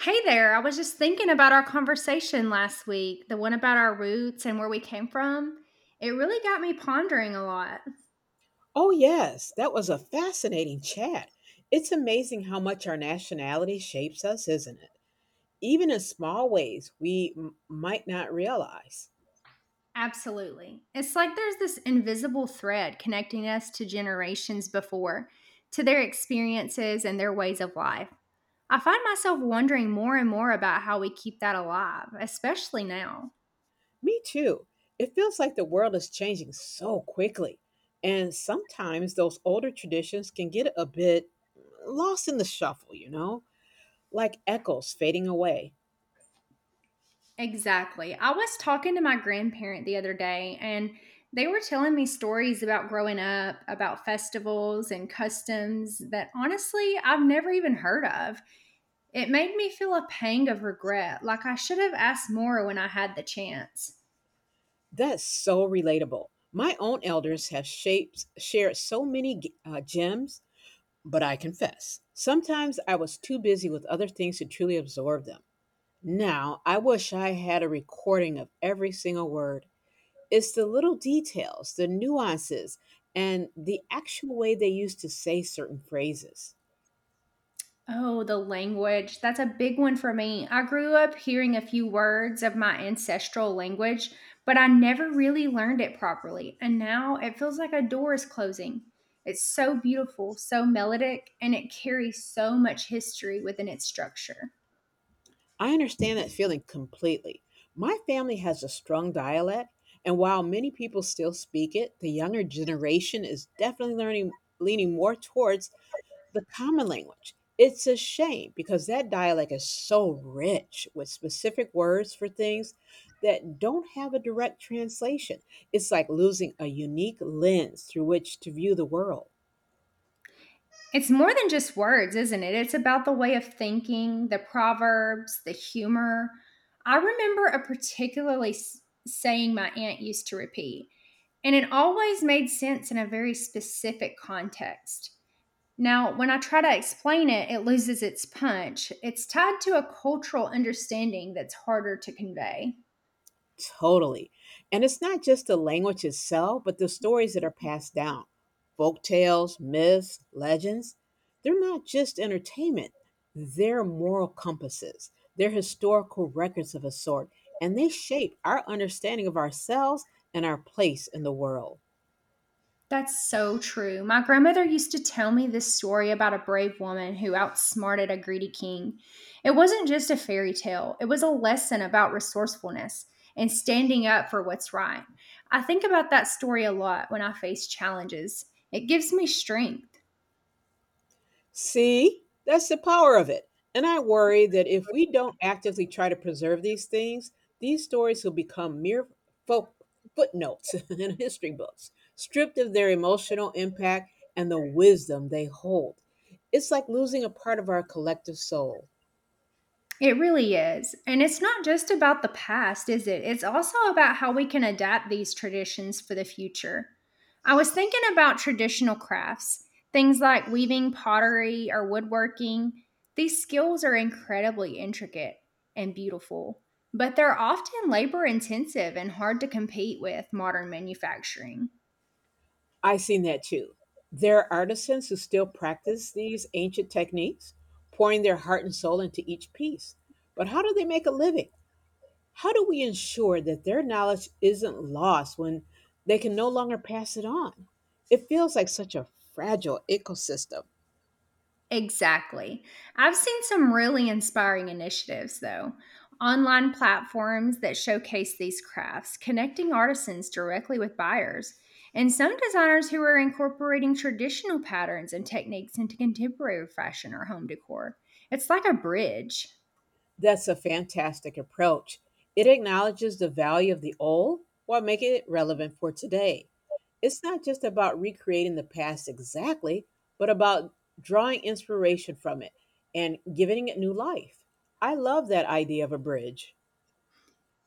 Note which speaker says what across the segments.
Speaker 1: Hey there. I was just thinking about our conversation last week, the one about our roots and where we came from. It really got me pondering a lot.
Speaker 2: Oh, yes, that was a fascinating chat. It's amazing how much our nationality shapes us, isn't it? Even in small ways we might not realize.
Speaker 1: Absolutely. It's like there's this invisible thread connecting us to generations before, to their experiences and their ways of life. I find myself wondering more and more about how we keep that alive, especially now.
Speaker 2: Me too. It feels like the world is changing so quickly. And sometimes those older traditions can get a bit lost in the shuffle, like echoes fading away.
Speaker 1: Exactly. I was talking to my grandparent the other day and they were telling me stories about growing up, about festivals and customs that honestly I've never even heard of. It made me feel a pang of regret, like I should have asked more when I had the chance.
Speaker 2: That's so relatable. My own elders have shared so many gems, but I confess, sometimes I was too busy with other things to truly absorb them. Now, I wish I had a recording of every single word. It's the little details, the nuances, and the actual way they used to say certain phrases.
Speaker 1: Oh, the language. That's a big one for me. I grew up hearing a few words of my ancestral language, but I never really learned it properly. And now it feels like a door is closing. It's so beautiful, so melodic, and it carries so much history within its structure.
Speaker 2: I understand that feeling completely. My family has a strong dialect, and while many people still speak it, the younger generation is definitely learning leaning more towards the common language. It's a shame because that dialect is so rich with specific words for things that don't have a direct translation. It's like losing a unique lens through which to view the world.
Speaker 1: It's more than just words, isn't it? It's about the way of thinking, the proverbs, the humor. I remember a particularly saying my aunt used to repeat, and it always made sense in a very specific context. Now, when I try to explain it, it loses its punch. It's tied to a cultural understanding that's harder to convey.
Speaker 2: Totally. And it's not just the language itself, but the stories that are passed down. Folk tales, myths, legends, they're not just entertainment. They're moral compasses. They're historical records of a sort, and they shape our understanding of ourselves and our place in the world.
Speaker 1: That's so true. My grandmother used to tell me this story about a brave woman who outsmarted a greedy king. It wasn't just a fairy tale, it was a lesson about resourcefulness and standing up for what's right. I think about that story a lot when I face challenges. It gives me strength.
Speaker 2: See, that's the power of it. And I worry that if we don't actively try to preserve these things, these stories will become mere fo- footnotes in history books, stripped of their emotional impact and the wisdom they hold. It's like losing a part of our collective soul.
Speaker 1: It really is. And it's not just about the past, is it? It's also about how we can adapt these traditions for the future. I was thinking about traditional crafts, things like weaving pottery or woodworking. These skills are incredibly intricate and beautiful, but they're often labor intensive and hard to compete with modern manufacturing.
Speaker 2: I've seen that too. There are artisans who still practice these ancient techniques, pouring their heart and soul into each piece. But how do they make a living? How do we ensure that their knowledge isn't lost when they can no longer pass it on? It feels like such a fragile ecosystem.
Speaker 1: Exactly. I've seen some really inspiring initiatives, though. Online platforms that showcase these crafts, connecting artisans directly with buyers, and some designers who are incorporating traditional patterns and techniques into contemporary fashion or home decor. It's like a bridge.
Speaker 2: That's a fantastic approach. It acknowledges the value of the old while making it relevant for today. It's not just about recreating the past exactly, but about drawing inspiration from it and giving it new life. I love that idea of a bridge.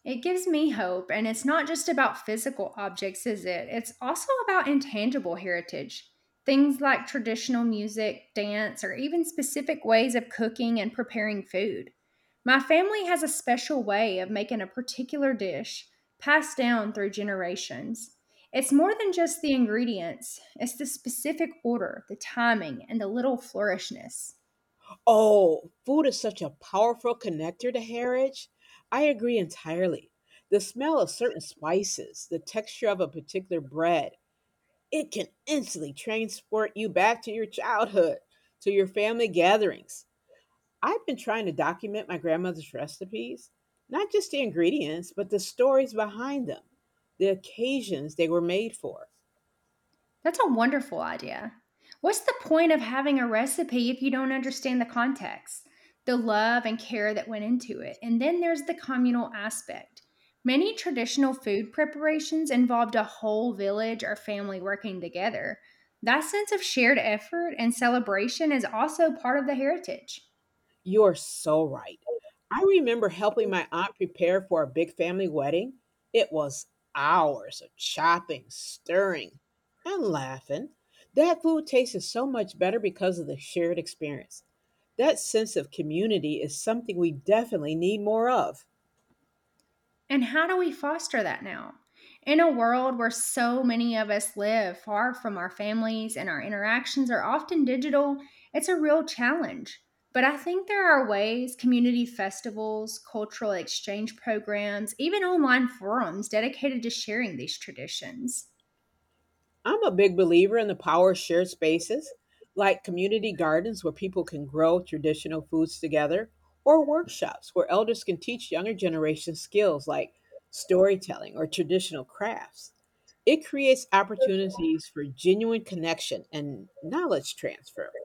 Speaker 1: It gives me hope, and it's not just about physical objects, is it? It's also about intangible heritage. Things like traditional music, dance, or even specific ways of cooking and preparing food. My family has a special way of making a particular dish passed down through generations. It's more than just the ingredients, it's the specific order, the timing, and the little flourishness.
Speaker 2: Oh, food is such a powerful connector to heritage. I agree entirely. The smell of certain spices, the texture of a particular bread, it can instantly transport you back to your childhood, to your family gatherings. I've been trying to document my grandmother's recipes, not just the ingredients, but the stories behind them, the occasions they were made for.
Speaker 1: That's a wonderful idea. What's the point of having a recipe if you don't understand the context, the love and care that went into it? And then there's the communal aspect. Many traditional food preparations involved a whole village or family working together. That sense of shared effort and celebration is also part of the heritage.
Speaker 2: You are so right. I remember helping my aunt prepare for a big family wedding. It was hours of chopping, stirring, and laughing. That food tasted so much better because of the shared experience. That sense of community is something we definitely need more of.
Speaker 1: And how do we foster that now? In a world where so many of us live far from our families and our interactions are often digital, it's a real challenge. But I think there are ways community festivals, cultural exchange programs, even online forums dedicated to sharing these traditions.
Speaker 2: I'm a big believer in the power of shared spaces, like community gardens where people can grow traditional foods together, or workshops where elders can teach younger generations skills like storytelling or traditional crafts. It creates opportunities for genuine connection and knowledge transfer.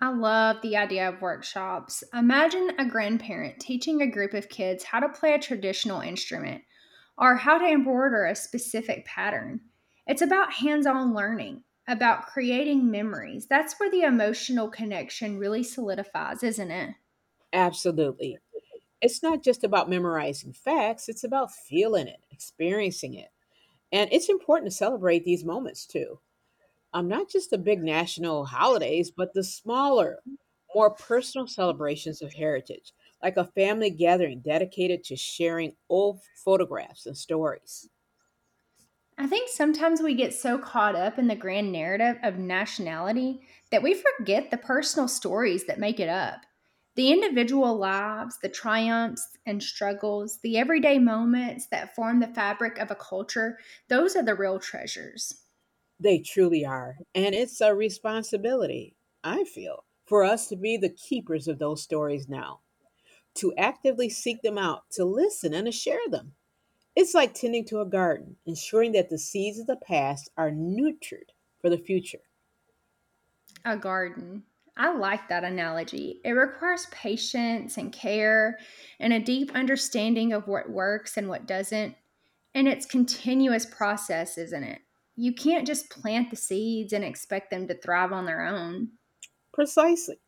Speaker 1: I love the idea of workshops. Imagine a grandparent teaching a group of kids how to play a traditional instrument or how to embroider a specific pattern. It's about hands on learning, about creating memories. That's where the emotional connection really solidifies, isn't it?
Speaker 2: Absolutely. It's not just about memorizing facts, it's about feeling it, experiencing it. And it's important to celebrate these moments too. Not just the big national holidays, but the smaller, more personal celebrations of heritage, like a family gathering dedicated to sharing old photographs and stories.
Speaker 1: I think sometimes we get so caught up in the grand narrative of nationality that we forget the personal stories that make it up. The individual lives, the triumphs and struggles, the everyday moments that form the fabric of a culture, those are the real treasures.
Speaker 2: They truly are. And it's a responsibility, I feel, for us to be the keepers of those stories now, to actively seek them out, to listen and to share them. It's like tending to a garden, ensuring that the seeds of the past are nurtured for the future.
Speaker 1: A garden. I like that analogy. It requires patience and care and a deep understanding of what works and what doesn't. And it's continuous process, isn't it? You can't just plant the seeds and expect them to thrive on their own.
Speaker 2: Precisely.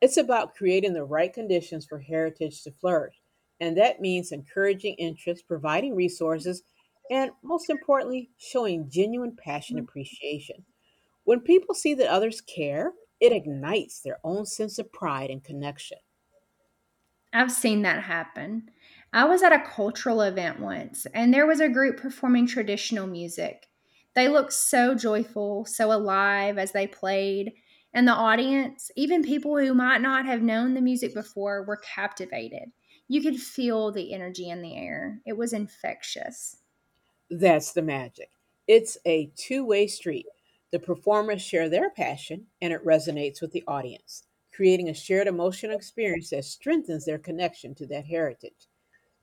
Speaker 2: It's about creating the right conditions for heritage to flourish. And that means encouraging interest, providing resources, and most importantly, showing genuine passion and appreciation. When people see that others care, it ignites their own sense of pride and connection.
Speaker 1: I've seen that happen. I was at a cultural event once, and there was a group performing traditional music. They looked so joyful, so alive as they played, and the audience, even people who might not have known the music before, were captivated. You could feel the energy in the air, it was infectious.
Speaker 2: That's the magic. It's a two-way street. The performers share their passion and it resonates with the audience, creating a shared emotional experience that strengthens their connection to that heritage.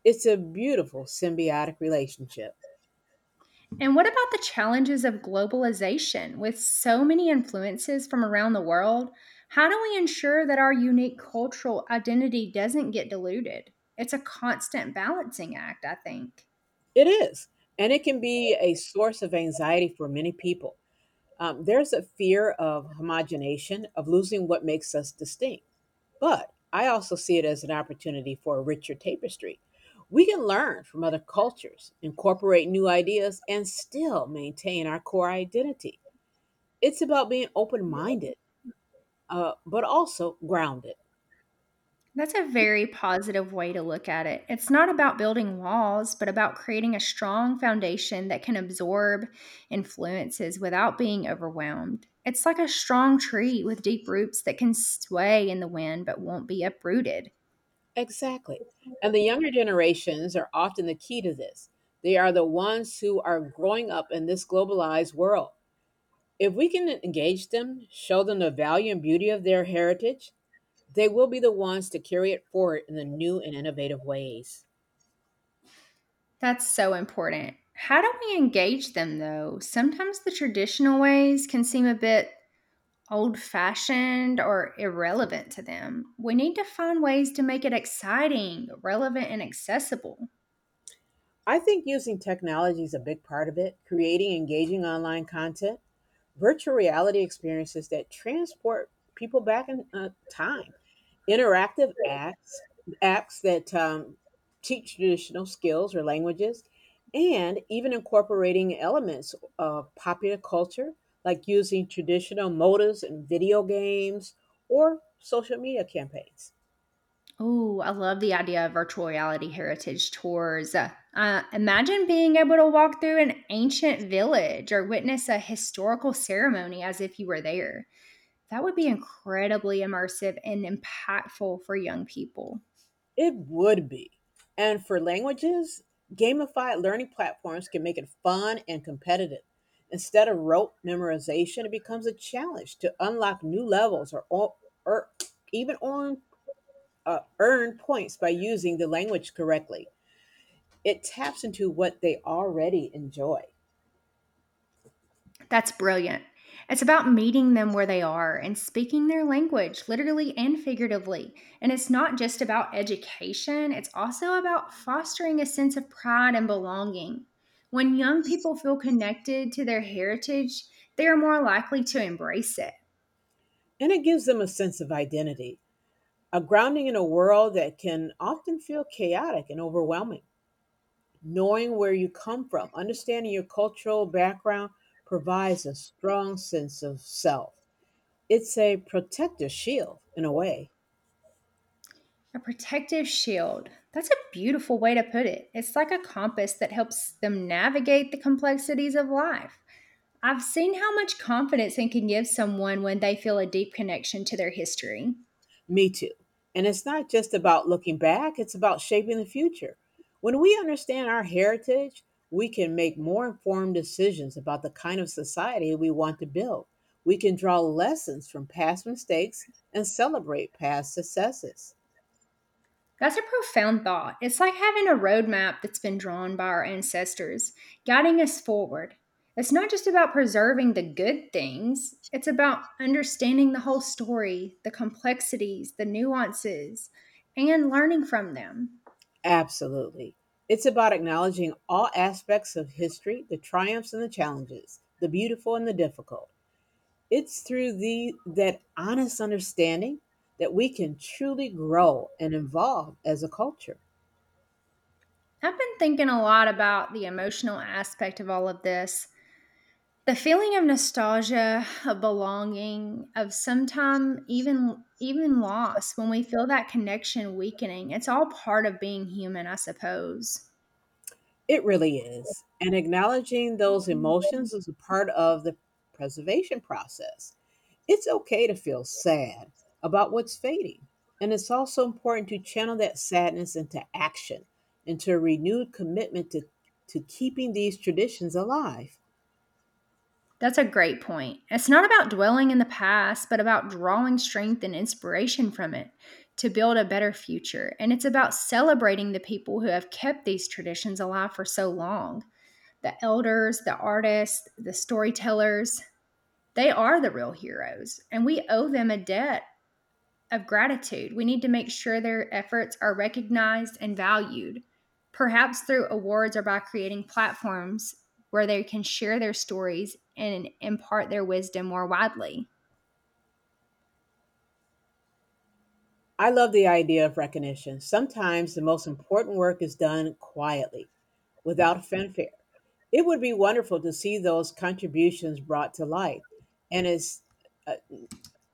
Speaker 2: It's a beautiful symbiotic relationship.
Speaker 1: And what about the challenges of globalization with so many influences from around the world? How do we ensure that our unique cultural identity doesn't get diluted? It's a constant balancing act, I think.
Speaker 2: It is. And it can be a source of anxiety for many people. There's a fear of homogenation, of losing what makes us distinct. But I also see it as an opportunity for a richer tapestry. We can learn from other cultures, incorporate new ideas, and still maintain our core identity. It's about being open minded, but also grounded.
Speaker 1: That's a very positive way to look at it. It's not about building walls, but about creating a strong foundation that can absorb influences without being overwhelmed. It's like a strong tree with deep roots that can sway in the wind but won't be uprooted.
Speaker 2: Exactly. And the younger generations are often the key to this. They are the ones who are growing up in this globalized world. If we can engage them, show them the value and beauty of their heritage, they will be the ones to carry it forward in the new and innovative ways.
Speaker 1: That's so important. How do we engage them though? Sometimes the traditional ways can seem a bit old fashioned or irrelevant to them. We need to find ways to make it exciting, relevant, and accessible.
Speaker 2: I think using technology is a big part of it, creating engaging online content virtual reality experiences that transport people back in time. Interactive acts, apps that teach traditional skills or languages, and even incorporating elements of popular culture, like using traditional motives in video games or social media campaigns.
Speaker 1: Oh, I love the idea of virtual reality heritage tours. Imagine being able to walk through an ancient village or witness a historical ceremony as if you were there. That would be incredibly immersive and impactful for young people.
Speaker 2: It would be. And for languages, gamified learning platforms can make it fun and competitive. Instead of rote memorization, it becomes a challenge to unlock new levels or even earn points by using the language correctly. It taps into what they already enjoy,
Speaker 1: That's brilliant. It's about meeting them where they are and speaking their language, literally and figuratively. And it's not just about education, it's also about fostering a sense of pride and belonging. When young people feel connected to their heritage, they are more likely to embrace it.
Speaker 2: and it gives them a sense of identity, a grounding in a world that can often feel chaotic and overwhelming. Knowing where you come from, understanding your cultural background provides a strong sense of self. It's a protective shield in a way.
Speaker 1: A protective shield. That's a beautiful way to put it. It's like a compass that helps them navigate the complexities of life. I've seen how much confidence it can give someone when they feel a deep connection to their history.
Speaker 2: Me too. And it's not just about looking back, it's about shaping the future. When we understand our heritage, we can make more informed decisions about the kind of society we want to build. We can draw lessons from past mistakes and celebrate past successes.
Speaker 1: That's a profound thought. It's like having a roadmap that's been drawn by our ancestors, guiding us forward. It's not just about preserving the good things, it's about understanding the whole story, the complexities, the nuances, and learning from them.
Speaker 2: Absolutely. It's about acknowledging all aspects of history, the triumphs and the challenges, the beautiful and the difficult. It's through the that honest understanding that we can truly grow and evolve as a culture.
Speaker 1: I've been thinking a lot about the emotional aspect of all of this, the feeling of nostalgia, of belonging, of sometime even loss when we feel that connection weakening. It's all part of being human, I suppose.
Speaker 2: It really is. And acknowledging those emotions is a part of the preservation process. It's okay to feel sad about what's fading. And it's also important to channel that sadness into action, into a renewed commitment to keeping these traditions alive.
Speaker 1: That's a great point. It's not about dwelling in the past, but about drawing strength and inspiration from it to build a better future. And it's about celebrating the people who have kept these traditions alive for so long, the elders, the artists, the storytellers. They are the real heroes, and we owe them a debt of gratitude. We need to make sure their efforts are recognized and valued, perhaps through awards or by creating platforms where they can share their stories and impart their wisdom more widely.
Speaker 2: I love the idea of recognition. Sometimes the most important work is done quietly, without fanfare. It would be wonderful to see those contributions brought to light. And it's uh,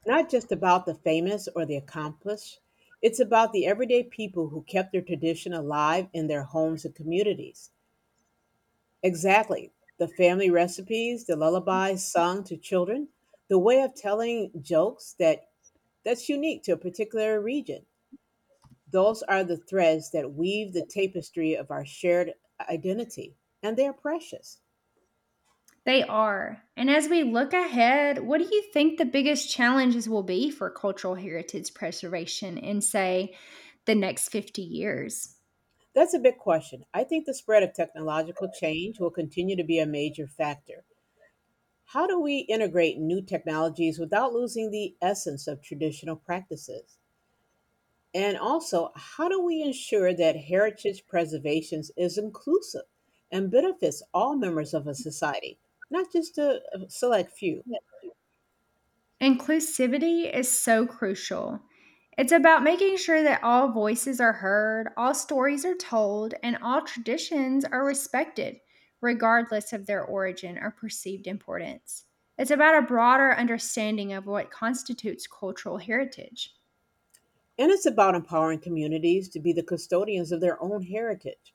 Speaker 2: not just about the famous or the accomplished, it's about the everyday people who kept their tradition alive in their homes and communities. Exactly. The family recipes, the lullabies sung to children, the way of telling jokes that's unique to a particular region. Those are the threads that weave the tapestry of our shared identity, and they are precious.
Speaker 1: They are. And as we look ahead, what do you think the biggest challenges will be for cultural heritage preservation in, say, the next 50 years?
Speaker 2: That's a big question. I think the spread of technological change will continue to be a major factor. How do we integrate new technologies without losing the essence of traditional practices? And also, how do we ensure that heritage preservation is inclusive and benefits all members of a society, not just a select few?
Speaker 1: Inclusivity is so crucial. It's about making sure that all voices are heard, all stories are told, and all traditions are respected, regardless of their origin or perceived importance. It's about a broader understanding of what constitutes cultural heritage.
Speaker 2: And it's about empowering communities to be the custodians of their own heritage.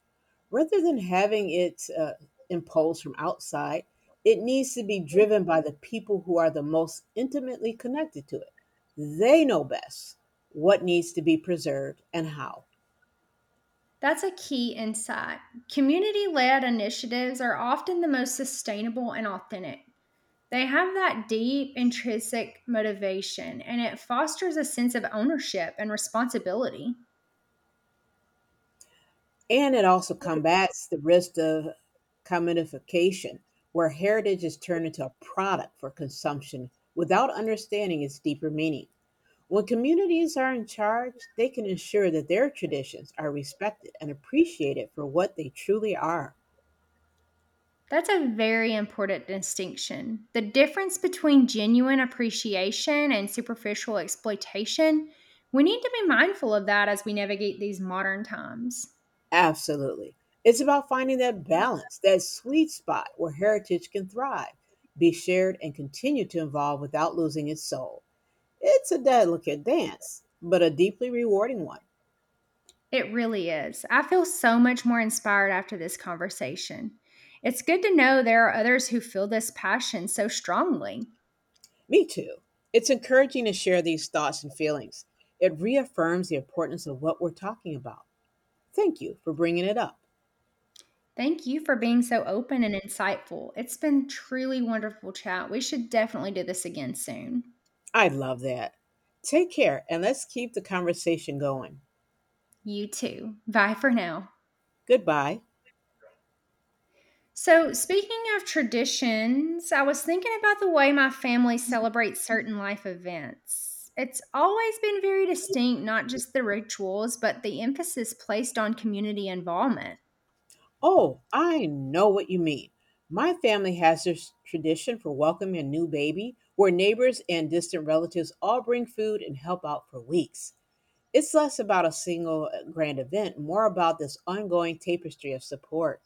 Speaker 2: Rather than having it imposed from outside, it needs to be driven by the people who are the most intimately connected to it. They know best what needs to be preserved and how.
Speaker 1: That's a key insight. Community led initiatives are often the most sustainable and authentic. They have that deep intrinsic motivation and it fosters a sense of ownership and responsibility.
Speaker 2: And it also combats the risk of commodification, where heritage is turned into a product for consumption without understanding its deeper meaning. When communities are in charge, they can ensure that their traditions are respected and appreciated for what they truly are.
Speaker 1: That's a very important distinction. The difference between genuine appreciation and superficial exploitation, we need to be mindful of that as we navigate these modern times.
Speaker 2: Absolutely. It's about finding that balance, that sweet spot where heritage can thrive, be shared, and continue to evolve without losing its soul. It's a delicate dance, but a deeply rewarding one.
Speaker 1: It really is. I feel so much more inspired after this conversation. It's good to know there are others who feel this passion so strongly.
Speaker 2: Me too. It's encouraging to share these thoughts and feelings. It reaffirms the importance of what we're talking about. Thank you for bringing it up.
Speaker 1: Thank you for being so open and insightful. It's been truly wonderful chat. We should definitely do this again soon.
Speaker 2: I love that. Take care, and let's keep the conversation going.
Speaker 1: You too. Bye for now.
Speaker 2: Goodbye.
Speaker 1: So, speaking of traditions, I was thinking about the way my family celebrates certain life events. It's always been very distinct, not just the rituals, but the emphasis placed on community involvement.
Speaker 2: Oh, I know what you mean. My family has this tradition for welcoming a new baby where neighbors and distant relatives all bring food and help out for weeks. It's less about a single grand event, more about this ongoing tapestry of support.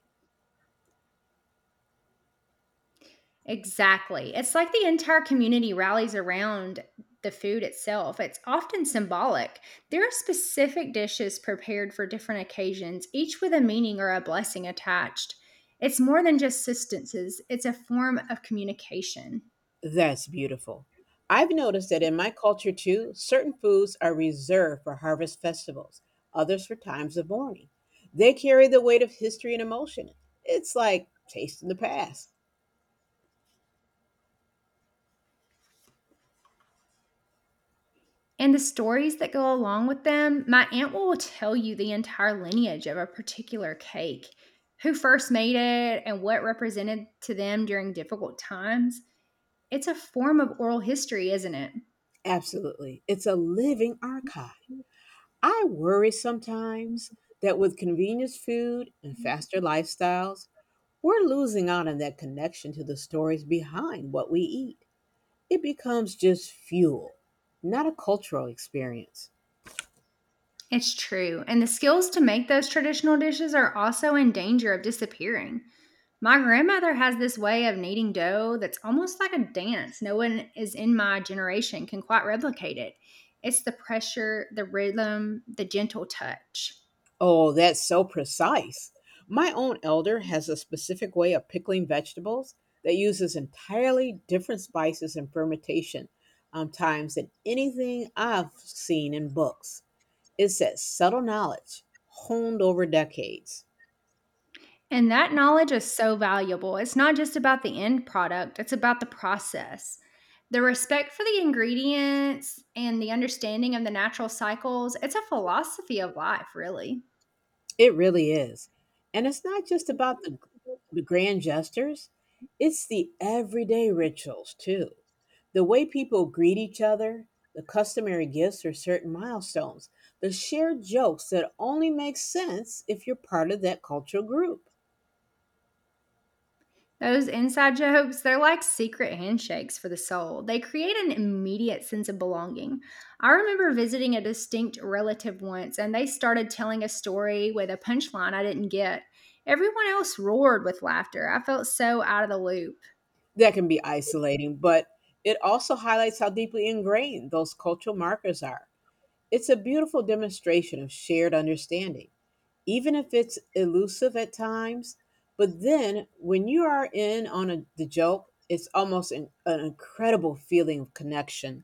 Speaker 1: Exactly. It's like the entire community rallies around the food itself. It's often symbolic. There are specific dishes prepared for different occasions, each with a meaning or a blessing attached. It's more than just sustenances, it's a form of communication.
Speaker 2: That's beautiful. I've noticed that in my culture too, certain foods are reserved for harvest festivals, others for times of mourning. They carry the weight of history and emotion. It's like tasting the past.
Speaker 1: And the stories that go along with them, my aunt will tell you the entire lineage of a particular cake, who first made it, and what represented to them during difficult times. It's a form of oral history, isn't it?
Speaker 2: Absolutely. It's a living archive. I worry sometimes that with convenience food and faster lifestyles, we're losing out on that connection to the stories behind what we eat. It becomes just fuel, not a cultural experience.
Speaker 1: It's true. And the skills to make those traditional dishes are also in danger of disappearing. My grandmother has this way of kneading dough that's almost like a dance. No one is in my generation can quite replicate it. It's the pressure, the rhythm, the gentle touch.
Speaker 2: Oh, that's so precise. My own elder has a specific way of pickling vegetables that uses entirely different spices and fermentation times than anything I've seen in books. It's that subtle knowledge honed over decades.
Speaker 1: And that knowledge is so valuable. It's not just about the end product, it's about the process. The respect for the ingredients and the understanding of the natural cycles, it's a philosophy of life, really.
Speaker 2: It really is. And it's not just about the grand gestures, it's the everyday rituals too. The way people greet each other, the customary gifts or certain milestones, the shared jokes that only make sense if you're part of that cultural group.
Speaker 1: Those inside jokes, they're like secret handshakes for the soul. They create an immediate sense of belonging. I remember visiting a distinct relative once, and they started telling a story with a punchline I didn't get. Everyone else roared with laughter. I felt so out of the loop.
Speaker 2: That can be isolating, but it also highlights how deeply ingrained those cultural markers are. It's a beautiful demonstration of shared understanding, even if it's elusive at times. But then when you are in on the joke, it's almost an incredible feeling of connection.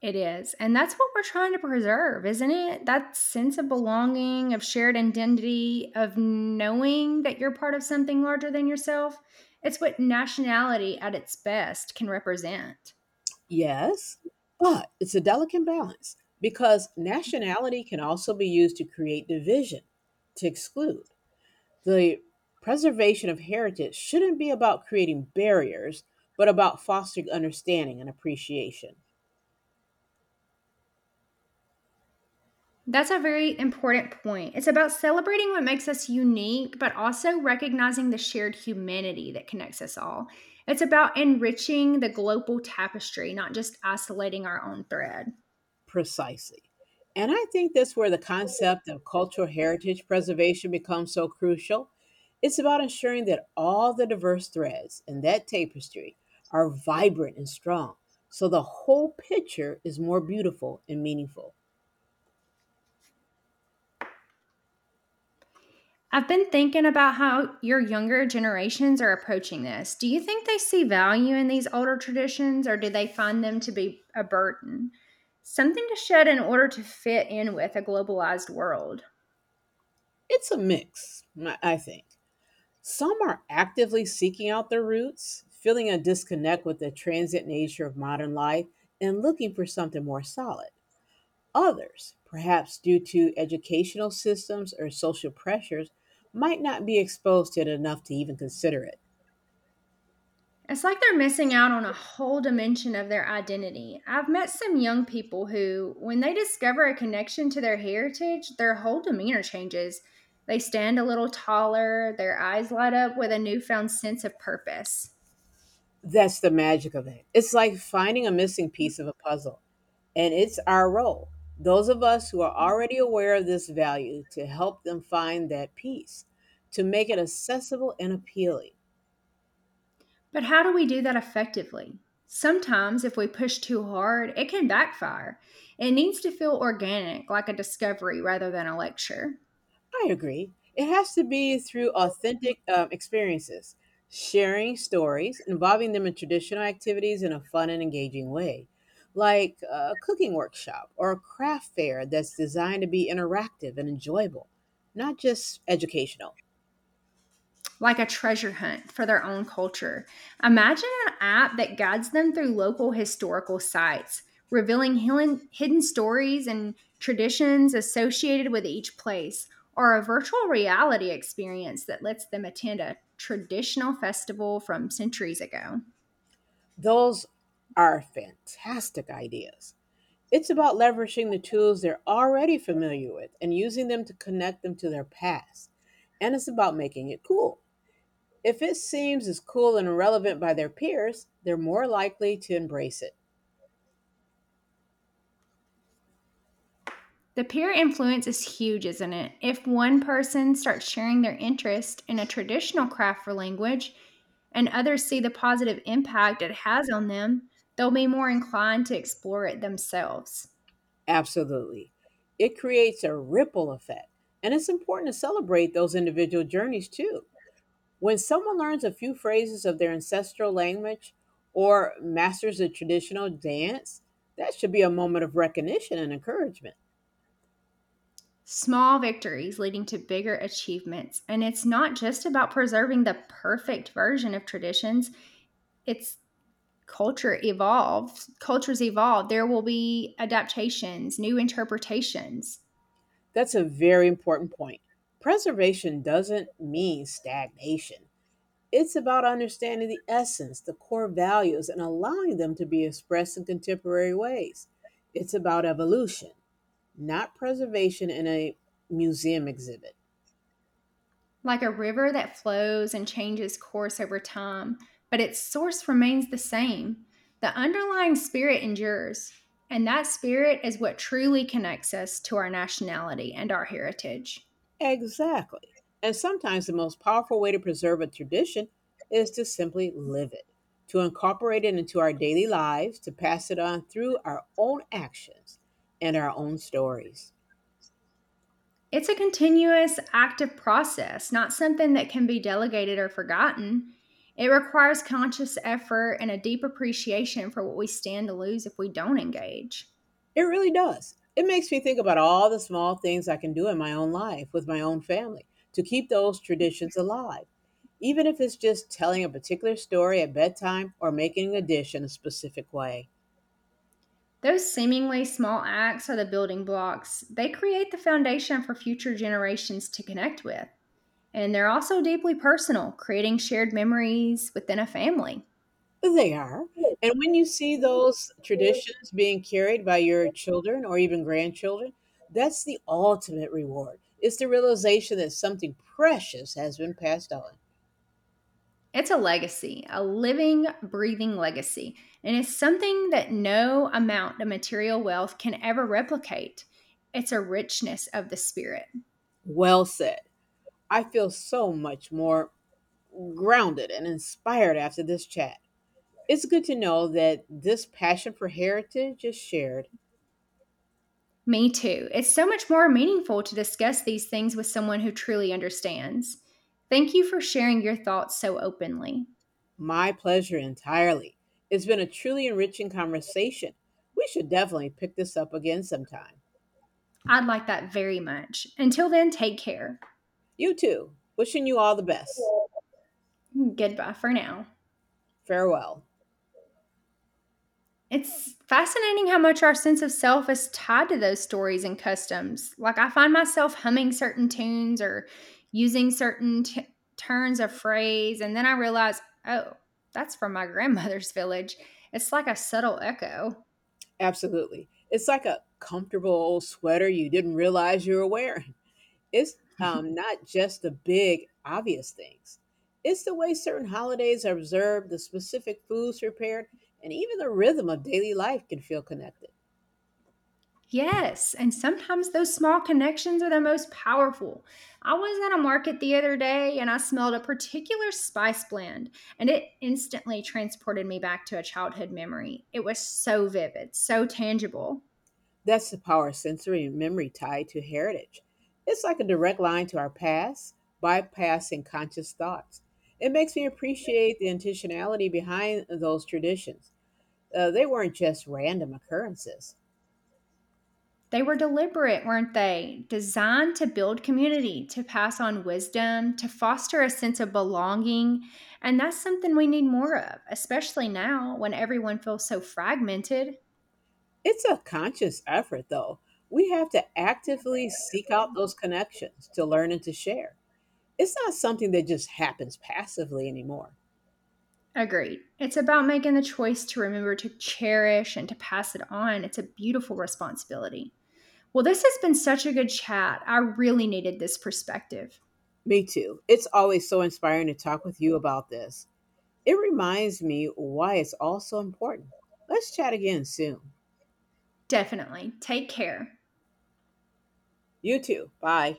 Speaker 1: It is. And that's what we're trying to preserve, isn't it? That sense of belonging, of shared identity, of knowing that you're part of something larger than yourself. It's what nationality at its best can represent.
Speaker 2: Yes, but it's a delicate balance because nationality can also be used to create division, to exclude. The preservation of heritage shouldn't be about creating barriers, but about fostering understanding and appreciation.
Speaker 1: That's a very important point. It's about celebrating what makes us unique, but also recognizing the shared humanity that connects us all. It's about enriching the global tapestry, not just isolating our own thread.
Speaker 2: Precisely. And I think that's where the concept of cultural heritage preservation becomes so crucial. It's about ensuring that all the diverse threads in that tapestry are vibrant and strong, so the whole picture is more beautiful and meaningful.
Speaker 1: I've been thinking about how your younger generations are approaching this. Do you think they see value in these older traditions or do they find them to be a burden? Something to shed in order to fit in with a globalized world.
Speaker 2: It's a mix, I think. Some are actively seeking out their roots, feeling a disconnect with the transient nature of modern life, and looking for something more solid. Others, perhaps due to educational systems or social pressures, might not be exposed to it enough to even consider it.
Speaker 1: It's like they're missing out on a whole dimension of their identity. I've met some young people who, when they discover a connection to their heritage, their whole demeanor changes. They stand a little taller, their eyes light up with a newfound sense of purpose.
Speaker 2: That's the magic of it. It's like finding a missing piece of a puzzle, and it's our role, those of us who are already aware of this value, to help them find that piece, to make it accessible and appealing.
Speaker 1: But how do we do that effectively? Sometimes, if we push too hard, it can backfire. It needs to feel organic, like a discovery rather than a lecture,
Speaker 2: I agree. It has to be through authentic experiences, sharing stories, involving them in traditional activities in a fun and engaging way, like a cooking workshop or a craft fair that's designed to be interactive and enjoyable, not just educational.
Speaker 1: like a treasure hunt for their own culture. Imagine an app that guides them through local historical sites, revealing hidden, stories and traditions associated with each place, or a virtual reality experience that lets them attend a traditional festival from centuries ago.
Speaker 2: Those are fantastic ideas. It's about leveraging the tools they're already familiar with and using them to connect them to their past. And it's about making it cool. If it seems as cool and irrelevant by their peers, they're more likely to embrace it.
Speaker 1: The peer influence is huge, isn't it? If one person starts sharing their interest in a traditional craft or language, and others see the positive impact it has on them, they'll be more inclined to explore it themselves.
Speaker 2: Absolutely. It creates a ripple effect, and it's important to celebrate those individual journeys too. When someone learns a few phrases of their ancestral language or masters a traditional dance, that should be a moment of recognition and encouragement.
Speaker 1: Small victories leading to bigger achievements. And it's not just about preserving the perfect version of traditions, it's culture evolves. Cultures evolve. There will be adaptations, new interpretations.
Speaker 2: That's a very important point. Preservation doesn't mean stagnation. It's about understanding the essence, the core values, and allowing them to be expressed in contemporary ways. It's about evolution, not preservation in a museum exhibit.
Speaker 1: Like a river that flows and changes course over time, but its source remains the same. The underlying spirit endures, and that spirit is what truly connects us to our nationality and our heritage.
Speaker 2: Exactly. And sometimes the most powerful way to preserve a tradition is to simply live it, to incorporate it into our daily lives, to pass it on through our own actions and our own stories.
Speaker 1: It's a continuous, active process, not something that can be delegated or forgotten. It requires conscious effort and a deep appreciation for what we stand to lose if we don't engage.
Speaker 2: It really does. It makes me think about all the small things I can do in my own life with my own family to keep those traditions alive. Even if it's just telling a particular story at bedtime or making a dish in a specific way.
Speaker 1: Those seemingly small acts are the building blocks. They create the foundation for future generations to connect with. And they're also deeply personal, creating shared memories within a family.
Speaker 2: They are. And when you see those traditions being carried by your children or even grandchildren, that's the ultimate reward. It's the realization that something precious has been passed on.
Speaker 1: It's a legacy, a living, breathing legacy, and it's something that no amount of material wealth can ever replicate. It's a richness of the spirit.
Speaker 2: Well said. I feel so much more grounded and inspired after this chat. It's good to know that this passion for heritage is shared.
Speaker 1: Me too. It's so much more meaningful to discuss these things with someone who truly understands. Thank you for sharing your thoughts so openly.
Speaker 2: My pleasure entirely. It's been a truly enriching conversation. We should definitely pick this up again sometime.
Speaker 1: I'd like that very much. Until then, take care.
Speaker 2: You too. Wishing you all the best.
Speaker 1: Goodbye for now.
Speaker 2: Farewell.
Speaker 1: It's fascinating how much our sense of self is tied to those stories and customs. Like, I find myself humming certain tunes or using turns of phrase, and then I realize, oh, that's from my grandmother's village. It's like a subtle echo.
Speaker 2: Absolutely. It's like a comfortable old sweater you didn't realize you were wearing. It's not just the big, obvious things. It's the way certain holidays are observed, the specific foods prepared, and even the rhythm of daily life can feel connected.
Speaker 1: Yes, and sometimes those small connections are the most powerful. I was at a market the other day and I smelled a particular spice blend, and it instantly transported me back to a childhood memory. It was so vivid, so tangible.
Speaker 2: That's the power of sensory and memory tied to heritage. It's like a direct line to our past, bypassing conscious thoughts. It makes me appreciate the intentionality behind those traditions. They weren't just random occurrences.
Speaker 1: They were deliberate, weren't they? Designed to build community, to pass on wisdom, to foster a sense of belonging. And that's something we need more of, especially now when everyone feels so fragmented.
Speaker 2: It's a conscious effort, though. We have to actively seek out those connections to learn and to share. It's not something that just happens passively anymore.
Speaker 1: Agreed. It's about making the choice to remember to cherish and to pass it on. It's a beautiful responsibility. Well, this has been such a good chat. I really needed this perspective.
Speaker 2: Me too. It's always so inspiring to talk with you about this. It reminds me why it's all so important. Let's chat again soon.
Speaker 1: Definitely. Take care.
Speaker 2: You too. Bye.